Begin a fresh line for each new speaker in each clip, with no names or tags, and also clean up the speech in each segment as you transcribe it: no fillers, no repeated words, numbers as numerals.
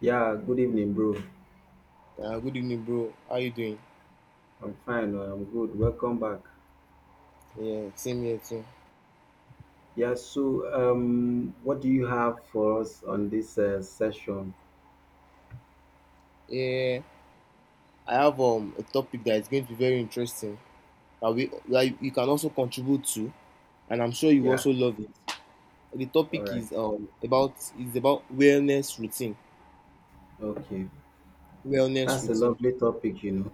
Yeah, good evening, bro.
Good evening, bro. How you doing?
I'm fine. I'm good. Welcome back.
Yeah, same here too.
Yeah, so what do you have for us on this session?
Yeah, I have a topic that is going to be very interesting that you can also contribute to, and I'm sure you
Yeah,
also love it. The
all
topic
right.
is about is about wellness routine.
Okay,
Wellness
that's a
routine.
lovely topic, you know.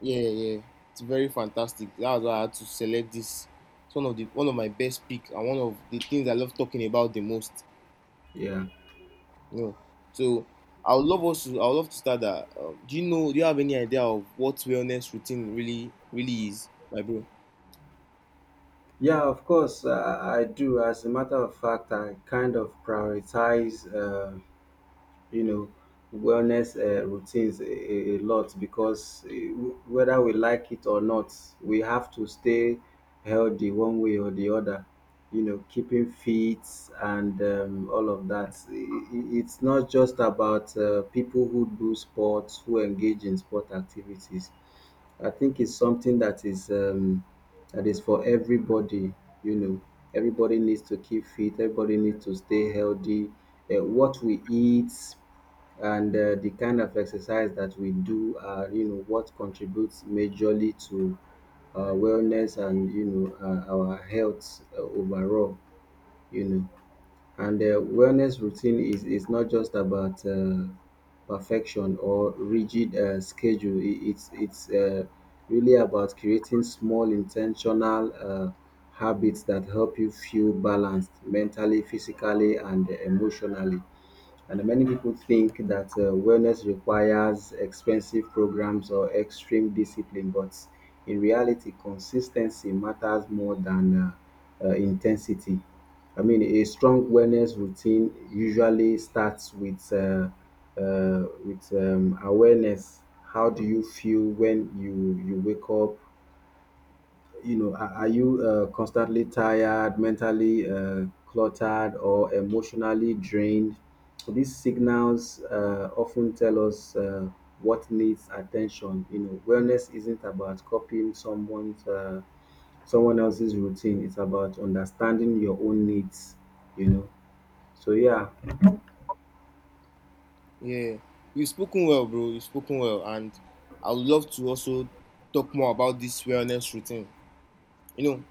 Yeah, yeah, it's very fantastic. That's why I had to select this. It's one of my best pick and one of the things I love talking about the most.
Yeah,
No. So I would love to start that. Do you have any idea of what wellness routine really is, my bro?
yeah, of course, I do. As a matter of fact, I kind of prioritize. You know wellness routines a lot because whether we like it or not we have to stay healthy one way or the other, you know, keeping fit and all of that. It's not just about people who do sports, who engage in sport activities. I think it's something that is for everybody. You know, everybody needs to keep fit. Everybody needs to stay healthy. What we eat and the kind of exercise that we do are, you know, what contributes majorly to wellness and, you know, our health overall. You know. And wellness routine is not just about perfection or rigid schedule. It's really about creating small intentional habits that help you feel balanced mentally, physically, and emotionally. And many people think that wellness requires expensive programs or extreme discipline, but in reality, consistency matters more than intensity. I mean, a strong wellness routine usually starts with awareness. How do you feel when you wake up? You know, are you constantly tired, mentally cluttered, or emotionally drained? So, these signals often tell us what needs attention. You know, wellness isn't about copying someone else's routine. It's about understanding your own needs. You know, so yeah,
Yeah. You've spoken well, bro. You've spoken well and I would love to also talk more about this wellness routine. You know,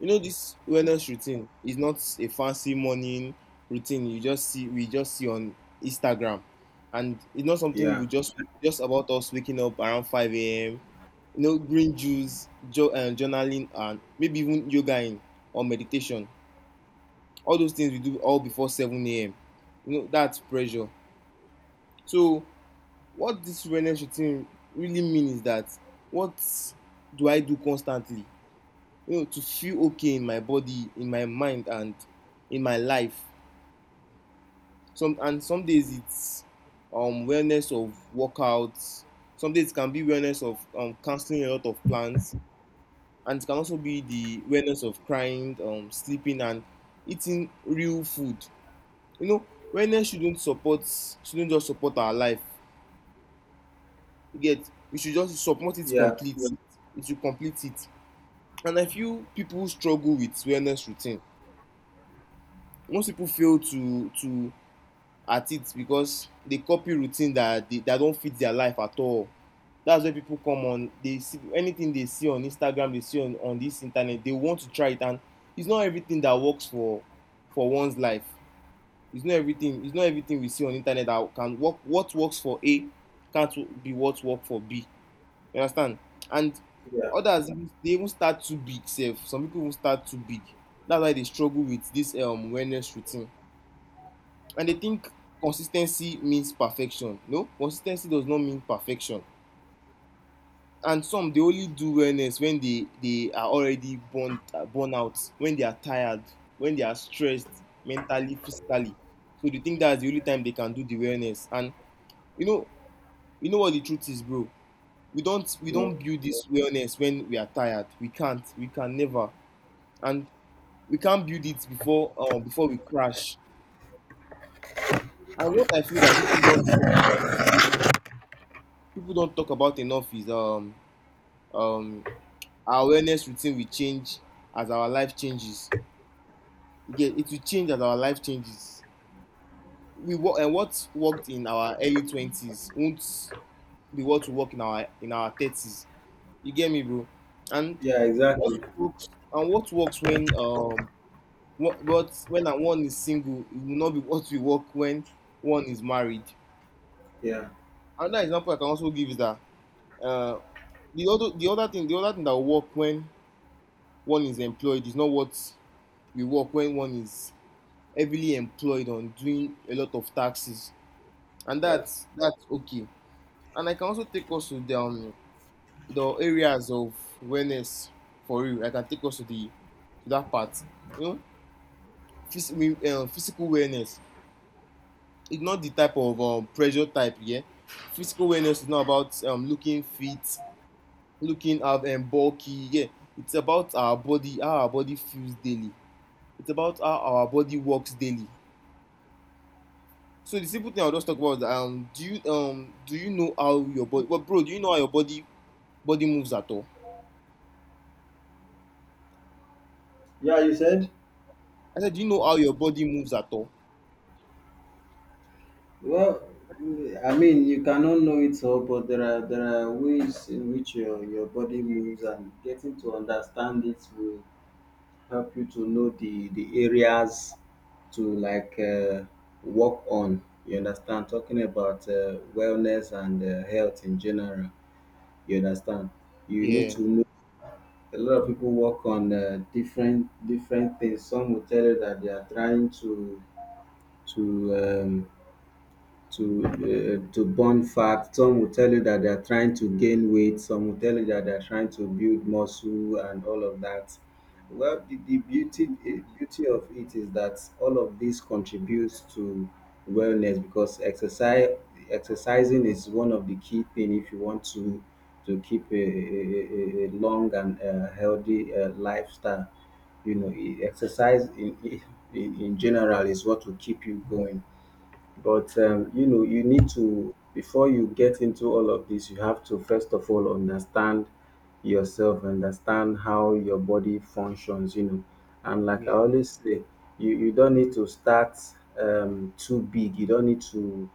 you know this wellness routine is not a fancy morning routine you just see we just see on Instagram. And it's not something
yeah,
we just about us waking up around 5 a.m., you know, green juice, journaling, and maybe even yoga in or meditation. All those things we do all before 7 a.m. You know, that's pressure. So, what this wellness routine really means is that what do I do constantly? You know, to feel okay in my body, in my mind, and in my life. Some days it's wellness of workouts. Some days it can be wellness of cancelling a lot of plans, and it can also be the awareness of crying, sleeping, and eating real food. You know, wellness shouldn't just support our life. You get, we should just support it
yeah,
complete. It should complete it. And I feel people struggle with wellness routine. Most people fail to at it because they copy routine that they that don't fit their life at all. That's where people come on, they see anything, they see on Instagram, they see on this internet, they want to try it, and it's not everything that works for one's life. It's not everything we see on internet that can work. What works for A can't be what work for B. You understand? And
yeah.
others, they even start too big sef. Some people even start too big. That's why they struggle with this wellness routine, and they think consistency means perfection. No, consistency does not mean perfection. And some, they only do wellness when they are already burn out, when they are tired, when they are stressed mentally, physically. So they think that's the only time they can do the wellness. And you know, you know what the truth is, bro? We
No,
don't build this wellness when we are tired. We can never, and we can't build it before before we crash. And what I feel that people don't talk about enough is um our wellness routine will change as our life changes. You It will change as our life changes. We work and What worked in our early twenties won't be what will work in our thirties. You get me, bro? And
yeah,
what
exactly.
works what works when what when one is single, it will not be what will work when one is married.
Yeah,
Another example I can also give is that uh the other thing that will work when one is employed is not what will work when one is heavily employed on doing a lot of taxes. And
yeah,
that's okay. And I can also take us to the areas of awareness for real. I can take us to the to that part. You know, physical awareness. It's not the type of pressure type. Yeah, physical awareness is not about looking fit, looking up and bulky. Yeah, it's about our body, how our body feels daily. It's about how our body works daily. So the simple thing I'll just talk about is that, do you know how your body? Well, bro, do you know how your body moves at all?
yeah. You said.
I said, do you know how your body moves at all?
Well, I mean, you cannot know it all, but there are ways in which your body moves, and getting to understand it will help you to know the areas to, like, work on. You understand? Talking about wellness and health in general. You understand? You need
Yeah,
to know. A lot of people work on different different things. Some will tell you that they are trying to um, to to burn fat. Some will tell you that they are trying to gain weight. Some will tell you that they are trying to build muscle and all of that. Well, the beauty of it is that all of this contributes to wellness because exercise exercising is one of the key thing if you want to keep a long and healthy lifestyle. You know, exercise in general is what will keep you going. But you know, you need to before you get into all of this, you have to first of all understand yourself, understand how your body functions, you know. And like I
yeah,
always say, you don't need to start too big. You don't need to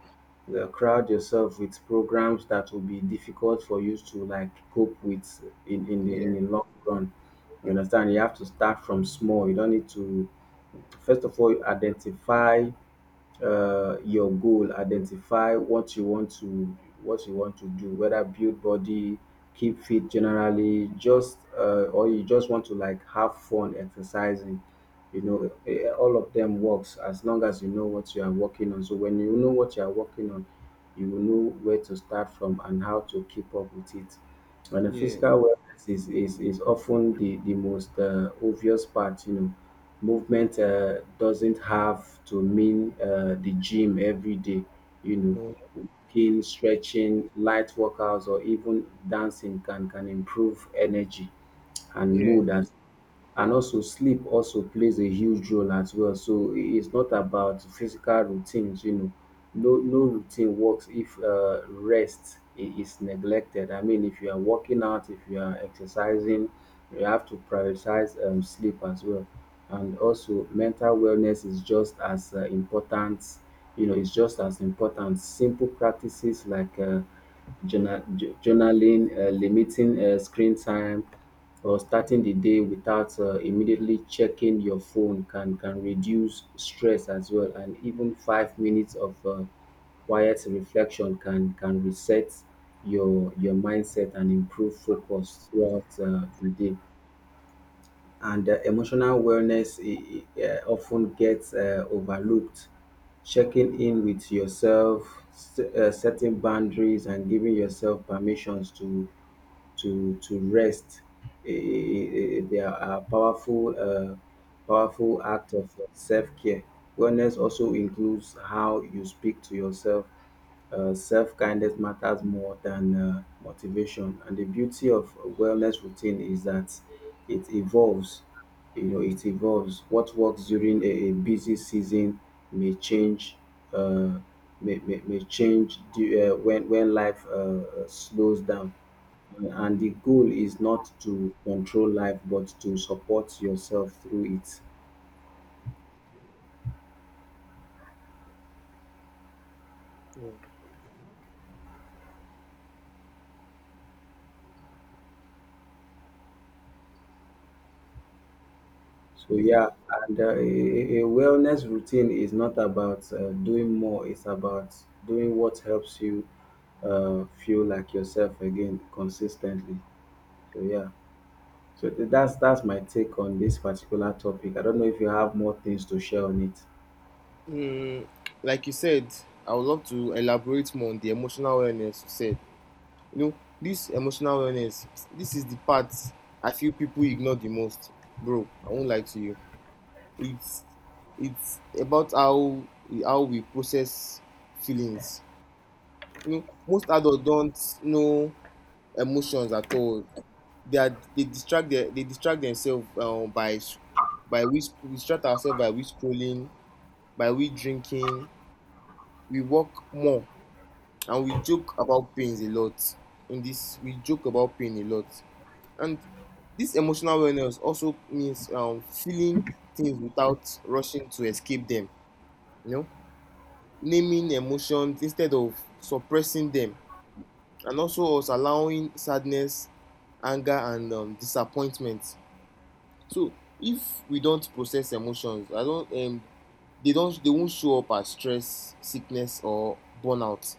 crowd yourself with programs that will be difficult for you to, like, cope with in
yeah,
the long run. You understand? You have to start from small. You don't need to first of all identify your goal, identify what you want to what you want to do, whether build body, keep fit generally, just or you just want to, like, have fun exercising, you know. All of them works as long as you know what you are working on. So when you know what you are working on, you will know where to start from and how to keep up with it. And the
yeah,
physical wellness is often the most obvious part, you know. Movement doesn't have to mean the gym every day, you know.
no,
Walking, stretching, light workouts, or even dancing can improve energy and
yeah,
mood as, and also sleep also plays a huge role as well. So it's not about physical routines, you know. No, no routine works if rest is neglected. I mean, if you are working out, if you are exercising, you have to prioritize sleep as well. And also, mental wellness is just as important. You know, it's just as important. Simple practices like journaling, limiting screen time, or starting the day without immediately checking your phone can reduce stress as well, and even 5 minutes of quiet reflection can reset your mindset and improve focus throughout the day. And emotional wellness often gets overlooked. Checking in with yourself, setting boundaries, and giving yourself permissions to rest. They are powerful powerful act of self care. Wellness also includes how you speak to yourself. Self kindness matters more than motivation. And the beauty of a wellness routine is that it evolves. You know, it evolves. What works during a busy season may change. Uh, may change when life slows down. And the goal is not to control life, but to support yourself through it.
yeah.
So yeah, and a wellness routine is not about doing more, it's about doing what helps you feel like yourself again consistently. So yeah, so that's my take on this particular topic. I don't know if you have more things to share on it.
Mm, like you said, I would love to elaborate more on the emotional wellness you said. You know, this emotional wellness, this is the part I feel people ignore the most. Bro, I won't lie to you. It's it's about how we process feelings. You know, most adults don't know emotions at all. They are they distract their, they distract themselves by s- by we sc- we distract ourselves by we scrolling, by we drinking. We work more and we joke about pains a lot. We joke about pain a lot, and this emotional wellness also means feeling things without rushing to escape them. You know, naming emotions instead of suppressing them, and also us allowing sadness, anger, and disappointment. So if we don't process emotions, I don't they don't they won't show up as stress, sickness or burnout.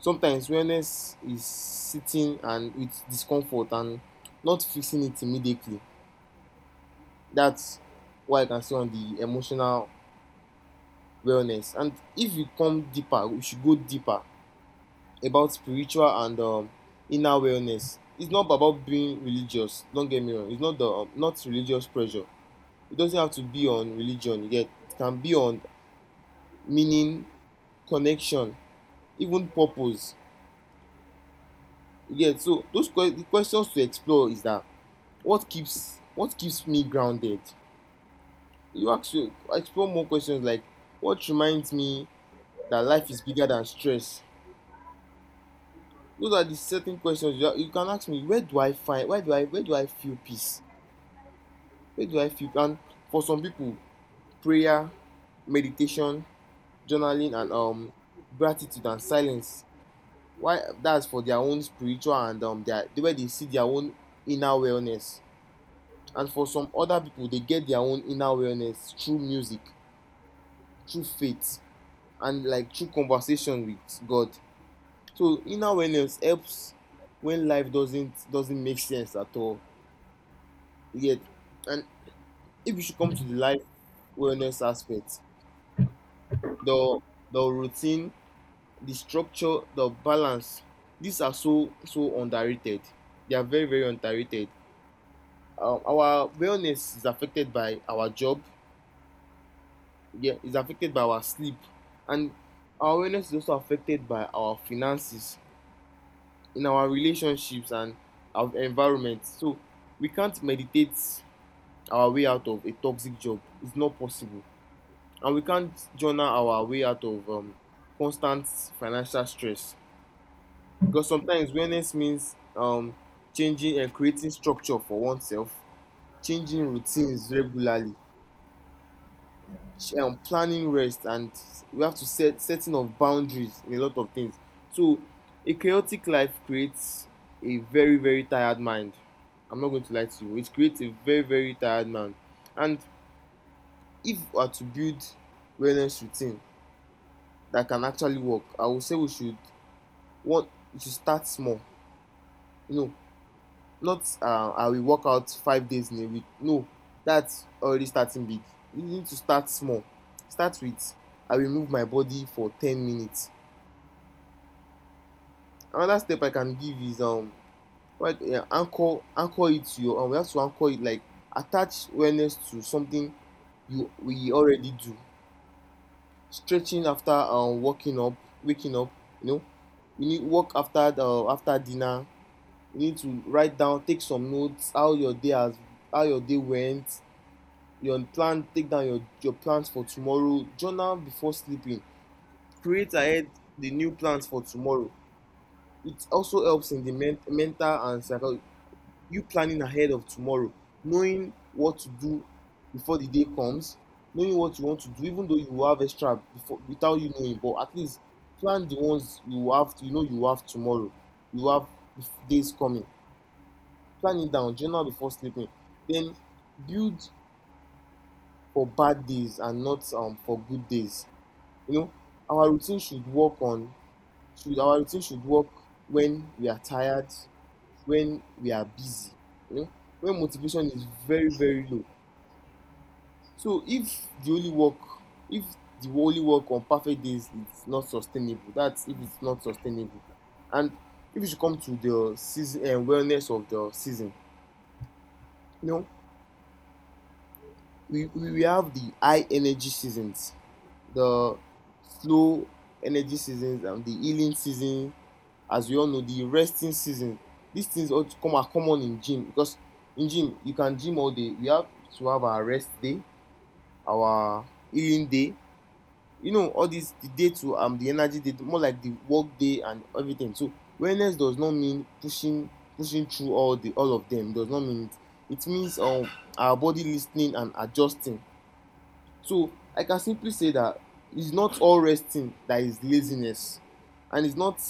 Sometimes wellness is sitting and with discomfort and not fixing it immediately. That's what I can say on the emotional wellness. And if we come deeper, we should go deeper about spiritual and inner wellness. It's not about being religious. Don't get me wrong. It's not the not religious pressure. It doesn't have to be on religion, you get. It can be on meaning, connection, even purpose. You get. So the questions to explore is that, what keeps me grounded? You actually explore more questions like what reminds me that life is bigger than stress. Those are the certain questions you can ask me. Where do I find? Where do I feel peace? Where do I feel? And for some people, prayer, meditation, journaling, and gratitude and silence, why that's for their own spiritual and the way they see their own inner wellness. And for some other people, they get their own inner wellness through music, through faith, and like through conversation with God. So inner wellness helps when life doesn't make sense at all yet. And if you should come to the life wellness aspect, the the routine, the structure, the balance, these are so so underrated. They are very, very underrated. Our wellness is affected by our job, yeah, is affected by our sleep, and our wellness is also affected by our finances, in our relationships, and our environment. So we can't meditate our way out of a toxic job. It's not possible. And we can't journal our way out of constant financial stress, because sometimes wellness means changing and creating structure for oneself, changing routines regularly, planning rest, and we have to setting of boundaries in a lot of things. So a chaotic life creates a very, very tired mind. I'm not going to lie to you. It creates a very, very tired man. And if we are to build wellness routine that can actually work, I would say we should what we should start small. You know, not I will work out 5 days in a week. No, that's already starting big. You need to start small. Start with, I will move my body for 10 minutes. Another step I can give is what yeah, anchor it to your we have to anchor it, like attach wellness to something you we already do. Stretching after waking up, you know. You need work after the after dinner. You need to write down, take some notes, how your day has how your day went, your plan take down your plans for tomorrow, journal before sleeping, create ahead the new plans for tomorrow. It also helps in the mental and psychological, you planning ahead of tomorrow, knowing what to do before the day comes, knowing what you want to do, even though you have extra before without you knowing, but at least plan the ones you have, you know you have tomorrow, you have days coming, plan it down, journal before sleeping, then build for bad days and not for good days. You know, our routine should work on our routine should work when we are tired, when we are busy, you know, when motivation is very, very low. So if the only work if the only work on perfect days is not sustainable, that's, if it's not sustainable. And if you should come to the season wellness of the season, you know, we have the high energy seasons, the slow energy seasons, and the healing seasons. As we all know, the resting season, these things all come are common in gym because in gym you can gym all day. We have to have our rest day, our healing day, you know, all this the day to the energy day, more like the work day and everything. So wellness does not mean pushing through all the all of them. It does not mean, it means our body listening and adjusting. So I can simply say that it's not all resting that is laziness, and it's not,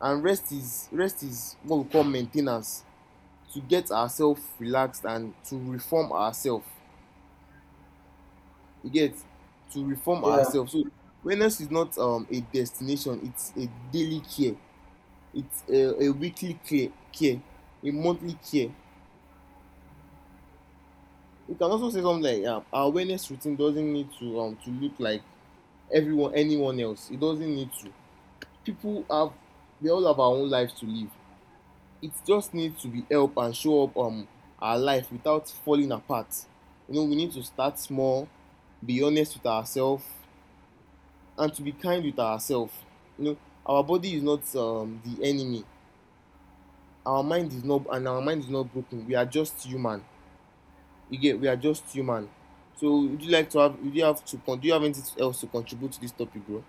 and rest is what we call main ten ance to get ourselves relaxed and to reform ourselves. You get, to reform
Yeah,
ourselves. So wellness is not a destination; it's a daily care. It's a weekly care, a monthly care. You can also say something like our wellness routine doesn't need to look like everyone anyone else. It doesn't need to. People have We all have our own lives to live. It just needs to be help and show up our life without falling apart. You know, we need to start small, be honest with ourselves, and to be kind with ourselves. You know, our body is not the enemy. Our mind is not, and our mind is not broken. We are just human. You get, we are just human. So, would you like to have? Would you have to? Do you have anything else to contribute to this topic, bro?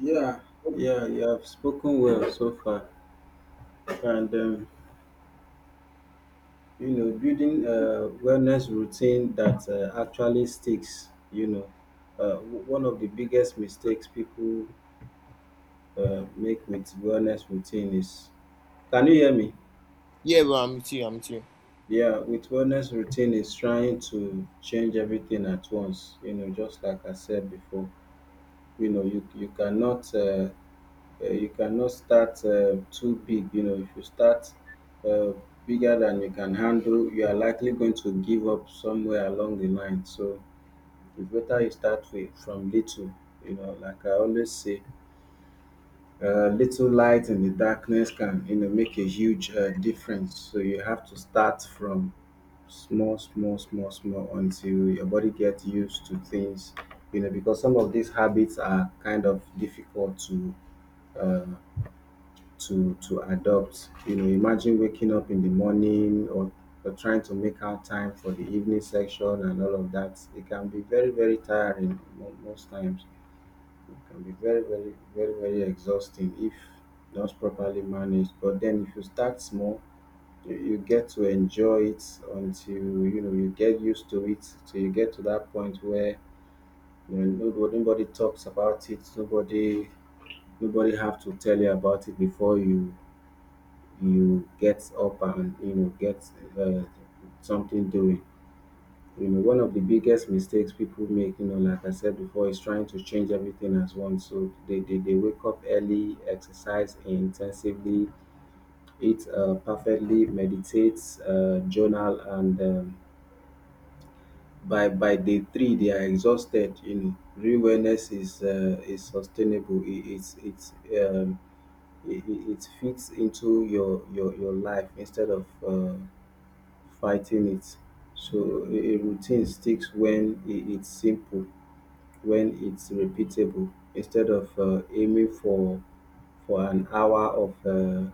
yeah, yeah, you have spoken well so far, and you know, building a wellness routine that actually sticks, you know, one of the biggest mistakes people make with wellness routine is, can you hear me?
Yeah, bro, I'm with you. I'm with you.
Yeah, with wellness routine is trying to change everything at once. You know, just like I said before, you know, you cannot start too big. You know, if you start uh, bigger than you can handle, you are likely going to give up somewhere along the line. So it's better you start with from little. You know, like I always say, little light in the darkness can, you know, make a huge difference. So you have to start from small, small, small, small until your body gets used to things. You know, because some of these habits are kind of difficult to uh, to adopt. You know, imagine waking up in the morning or trying to make out time for the evening section and all of that. It can be very, very tiring most times. It can be very, very, very, very exhausting if not properly managed. But then, if you start small, you get to enjoy it until, you know, you get used to it. Till you get to that point where, you know, nobody, nobody talks about it. Nobody, nobody have to tell you about it before you get up and, you know, get uh, something doing. You know, one of the biggest mistakes people make, you know, like I said before, is trying to change everything as one. So they wake up early, exercise intensively, eat perfectly, meditate, journal, and by day three they are exhausted. You know, real wellness is sustainable. It's um, it fits into your life instead of fighting it. So a routine sticks when it's simple, when it's repeatable. Instead of aiming for an hour of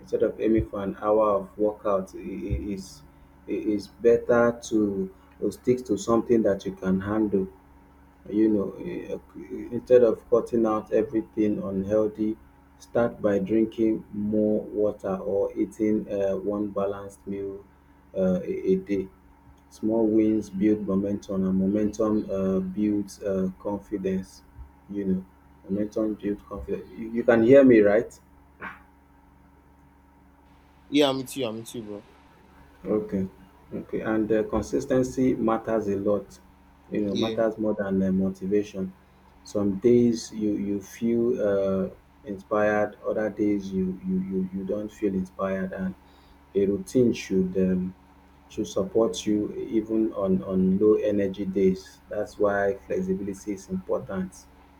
instead of aiming for an hour of workout, it, it is better to stick to something that you can handle, you know. Instead of cutting out everything unhealthy, start by drinking more water or eating one balanced meal a day. Small wins build momentum, and momentum builds confidence, you know. Momentum builds confidence. You can hear me, right?
Yeah, I'm with you. I'm with you, bro.
Okay. Okay. And consistency matters a lot. You know,
Yeah.
matters more than motivation. Some days you feel inspired. Other days you don't feel inspired. And a routine should support you even on low energy days. That's why flexibility is important.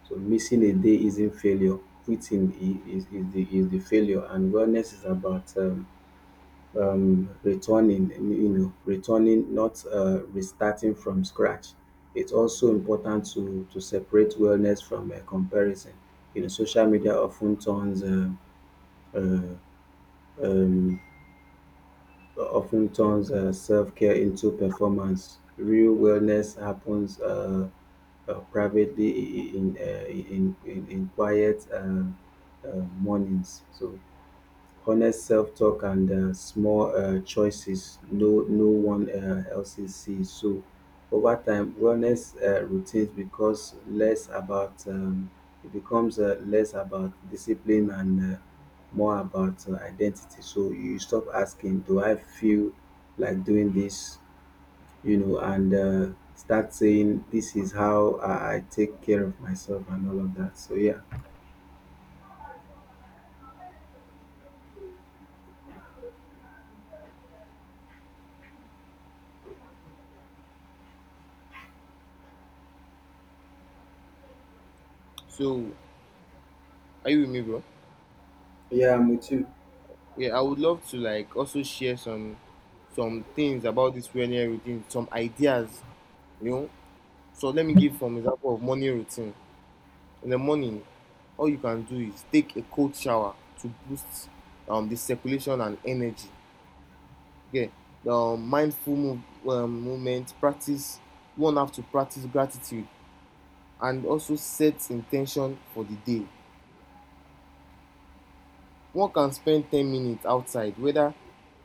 So missing a day isn't failure. Quitting is the failure. And wellness is about returning, you know, returning, not restarting from scratch. It's also important to separate wellness from comparison. You know, social media uh, um, often turns self-care into performance. Real wellness happens privately in quiet uh, mornings. So honest self-talk and small choices no no one else sees. So over time, wellness routines becomes less about it becomes less about discipline and more about identity. So you stop asking, "Do I feel like doing this?" You know, and Start saying, "This is how I take care of myself," and all of that.
So, are you with me, bro?
I'm with you.
Yeah, I would love to like also share some things about this morning routine, some ideas, you know. So let me give some example of morning routine. In the morning, all you can do is take a cold shower to boost the circulation and energy. Okay, the mindful move, movement practice. One have to practice gratitude and also set intention for the day. One can spend 10 minutes outside, whether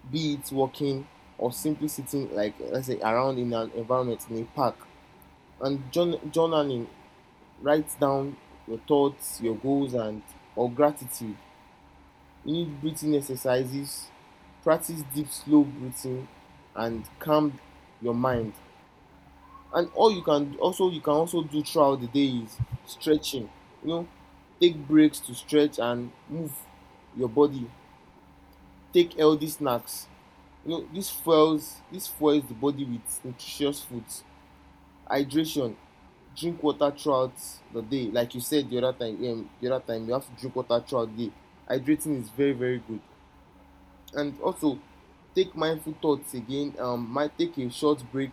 be it walking or simply sitting, like let's say, around in an environment in a park. And journaling, write down your thoughts, your goals, and or gratitude. You need breathing exercises, practice deep, slow breathing, and calm your mind. And all you can also do throughout the day is stretching. You know, take breaks to stretch and move your body. Take healthy snacks. You know, this fuels the body with nutritious foods, hydration, drink water throughout the day. Like you said the other time you have to drink water throughout the day. Hydrating is very very good. And also, take mindful thoughts again. Might take a short break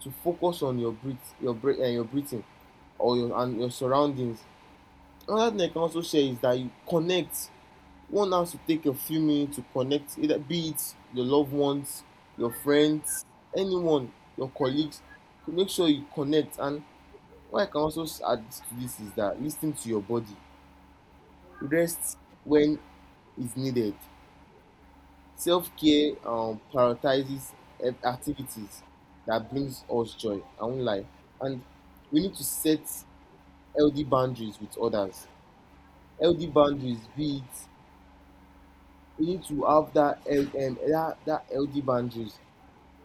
to focus on your breath, your breathing or your and your surroundings. Another thing I can also share is that you connect, one has to take a few minutes to connect, either be it your loved ones, your friends, anyone, your colleagues. To make sure you connect. And what I can also add to this is that listening to your body, rest when is needed. Self care prioritizes activities that brings us joy. I won't lie, and we need to set healthy boundaries with others. Healthy boundaries, be it we need to have that, that healthy boundaries.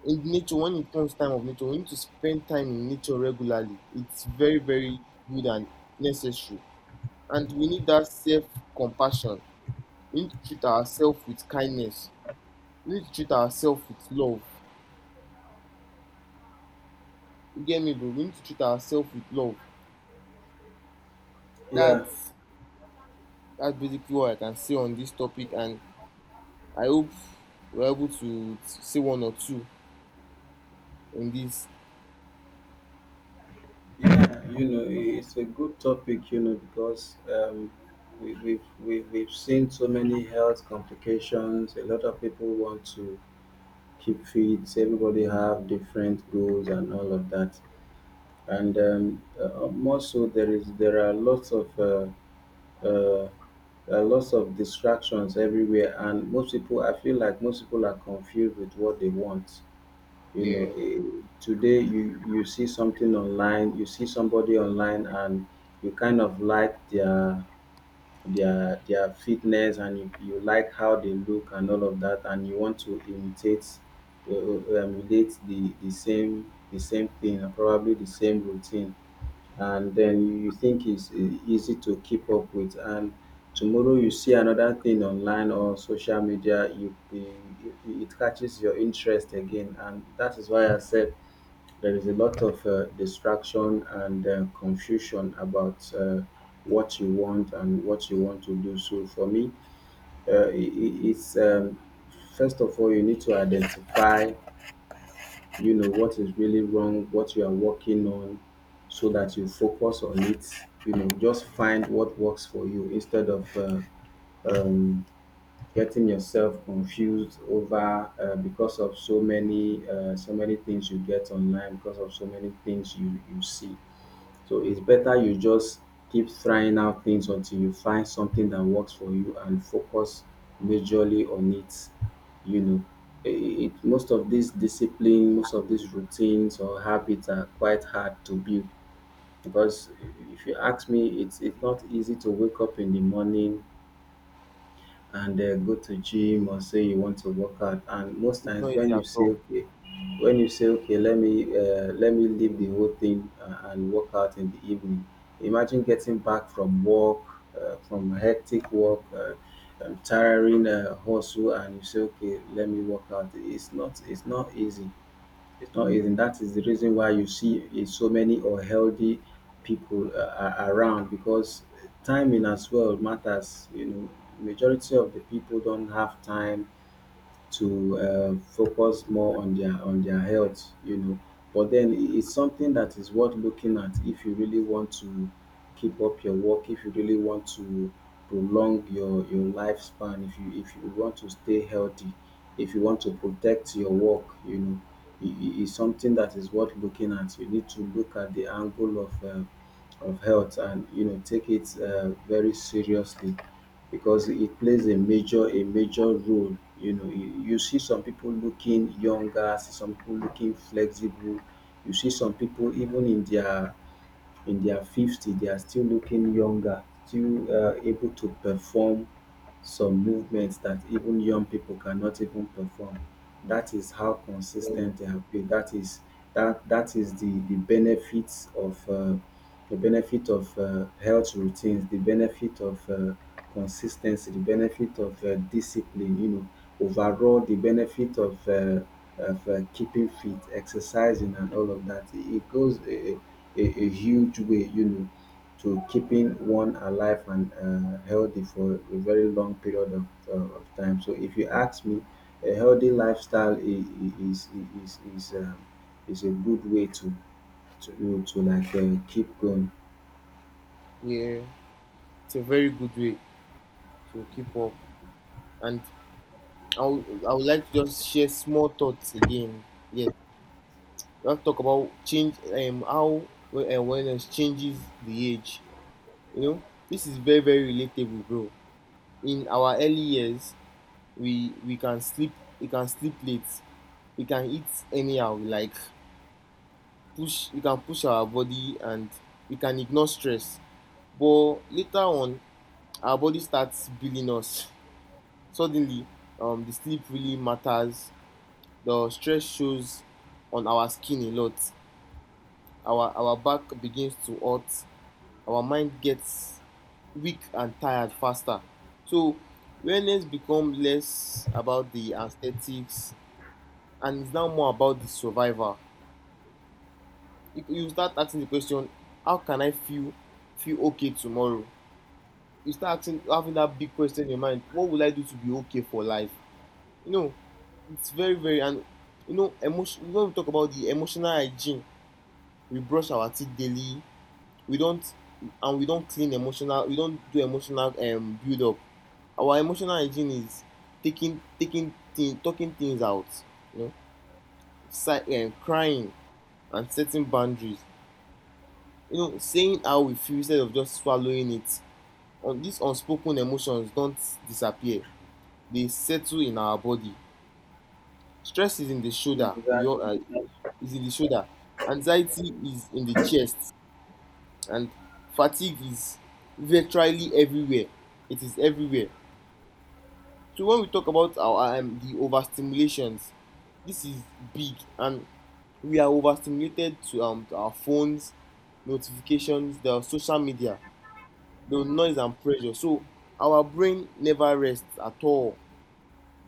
In nature, when it comes time of nature, we need to spend time in nature regularly. It's very very good and necessary. And we need that self compassion. We need to treat ourselves with kindness, we need to treat ourselves with love. You get me, bro? We need to treat ourselves with love.
Yeah.
that's that's basically what I can say on this topic, and I hope we're able to say one or two in this.
Yeah, you know, it's a good topic, you know, because we've seen so many health complications. A lot of people want to keep fit. Everybody have different goals and all of that. And More so, there are uh, lots of distractions everywhere, and most people, I feel like most people are confused with what they want. You know,
Yeah,
eh, Today you see something online, you see somebody online, and you kind of like their fitness and you like how they look and all of that, and you want to imitate emulate the same thing, and probably the same routine, and then you think it's easy to keep up with. And tomorrow you see another thing online or social media, you it catches your interest again. And that is why I said there is a lot of distraction and confusion about what you want and what you want to do. So for me, I- it's first of all you need to identify, you know, what is really wrong, what you are working on, so that you focus on it. You know, just find what works for you instead of um, getting yourself confused over because of so many so many things you get online, because of so many things you see. So it's better you just keep trying out things until you find something that works for you, and focus majorly on it, you know. Most of these discipline, most of these routines or habits are quite hard to build, because if you ask me, it's not easy to wake up in the morning and go to gym, or say you want to work out. And most
it's
times
not easy
when you
at all.
say okay, let me leave the whole thing and work out in the evening. Imagine getting back from work, from hectic work, tiring hustle, and you say okay, let me work out. It's not easy. It's not easy. And That is the reason why you see so many unhealthy people are around, because timing as well matters. You know, majority of the people don't have time to focus more on their health, you know. But then it's something that is worth looking at. If you really want to keep up your work, if you really want to prolong your lifespan, if you want to stay healthy, if you want to protect your work, you know, it's something that is worth looking at. You need to look at the angle of health, and you know, take it very seriously, because it plays a major role. You know, you see some people looking younger, see some people looking flexible. You see some people even in their 50, they are still looking younger, still able to perform some movements that even young people cannot even perform. That is how
Yeah.
consistent they have been. That is that that is the benefit of health routines, the benefit of consistency, the benefit of discipline. You know, overall the benefit of keeping fit, exercising, and all of that. It goes a huge way. You know, to keeping one alive and healthy for a very long period of time. So if you ask me, a healthy lifestyle is is is is, um, is a good way to like keep going.
Yeah, it's a very good way to keep up. And I would like to just share small thoughts again. Yes, we have to talk about change, how awareness changes the age. You know, this is very very relatable, bro. In our early years, we can sleep, we can sleep late, we can eat anyhow, we like push, we can push our body, and we can ignore stress. But later on, our body starts billing us. Suddenly, the sleep really matters, the stress shows on our skin a lot. Our back begins to hurt, our mind gets weak and tired faster. So wellness becomes less about the aesthetics and it's now more about the survival. You start asking the question, how can I feel okay tomorrow? You start asking, having that big question in your mind, what will I do to be okay for life? You know, it's very very, and you know, emotion. When we talk about the emotional hygiene, we brush our teeth daily, we don't, and we don't clean emotional, we don't do emotional build up. Our emotional hygiene is talking things out, you know, crying and setting boundaries, you know, saying how we feel instead of just swallowing it. On these unspoken emotions, don't disappear, they settle in our body. Stress is in the shoulder, we all
Exactly.
is in the shoulder, anxiety is in the chest, and fatigue is virtually everywhere. It is everywhere. So when we talk about our the overstimulations, this is big, and we are overstimulated to our phones, notifications, the social media, the noise and pressure. So our brain never rests at all.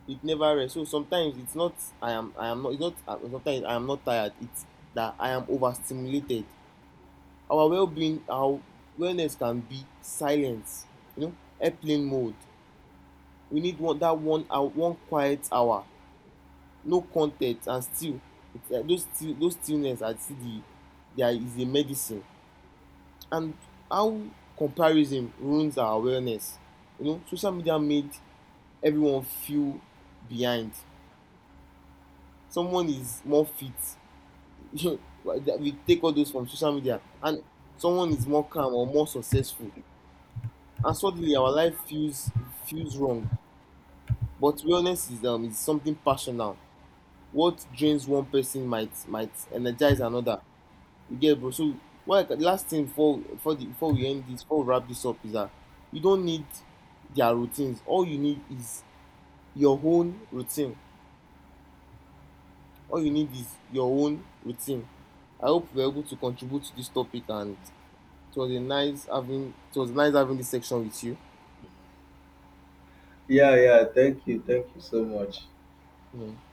It never rests. So sometimes it's not, I am not, it's not sometimes I am not tired. It's that I am overstimulated. Our well-being, our wellness can be silence, you know, airplane mode. We need one that 1 hour, one quiet hour, no content, and still it's, those still, those stillness are still the, there is a medicine. And how comparison ruins our wellness. You know, social media made everyone feel behind. Someone is more fit. We take all those from social media, and someone is more calm or more successful. And suddenly our life feels wrong. But wellness is something personal. What drains one person might energize another. You get, bro? So why the last thing before we end this, before we wrap this up, is that you don't need their routines, all you need is your own routine. All you need is your own routine. I hope we were able to contribute to this topic, and it was nice having this section with you. Yeah.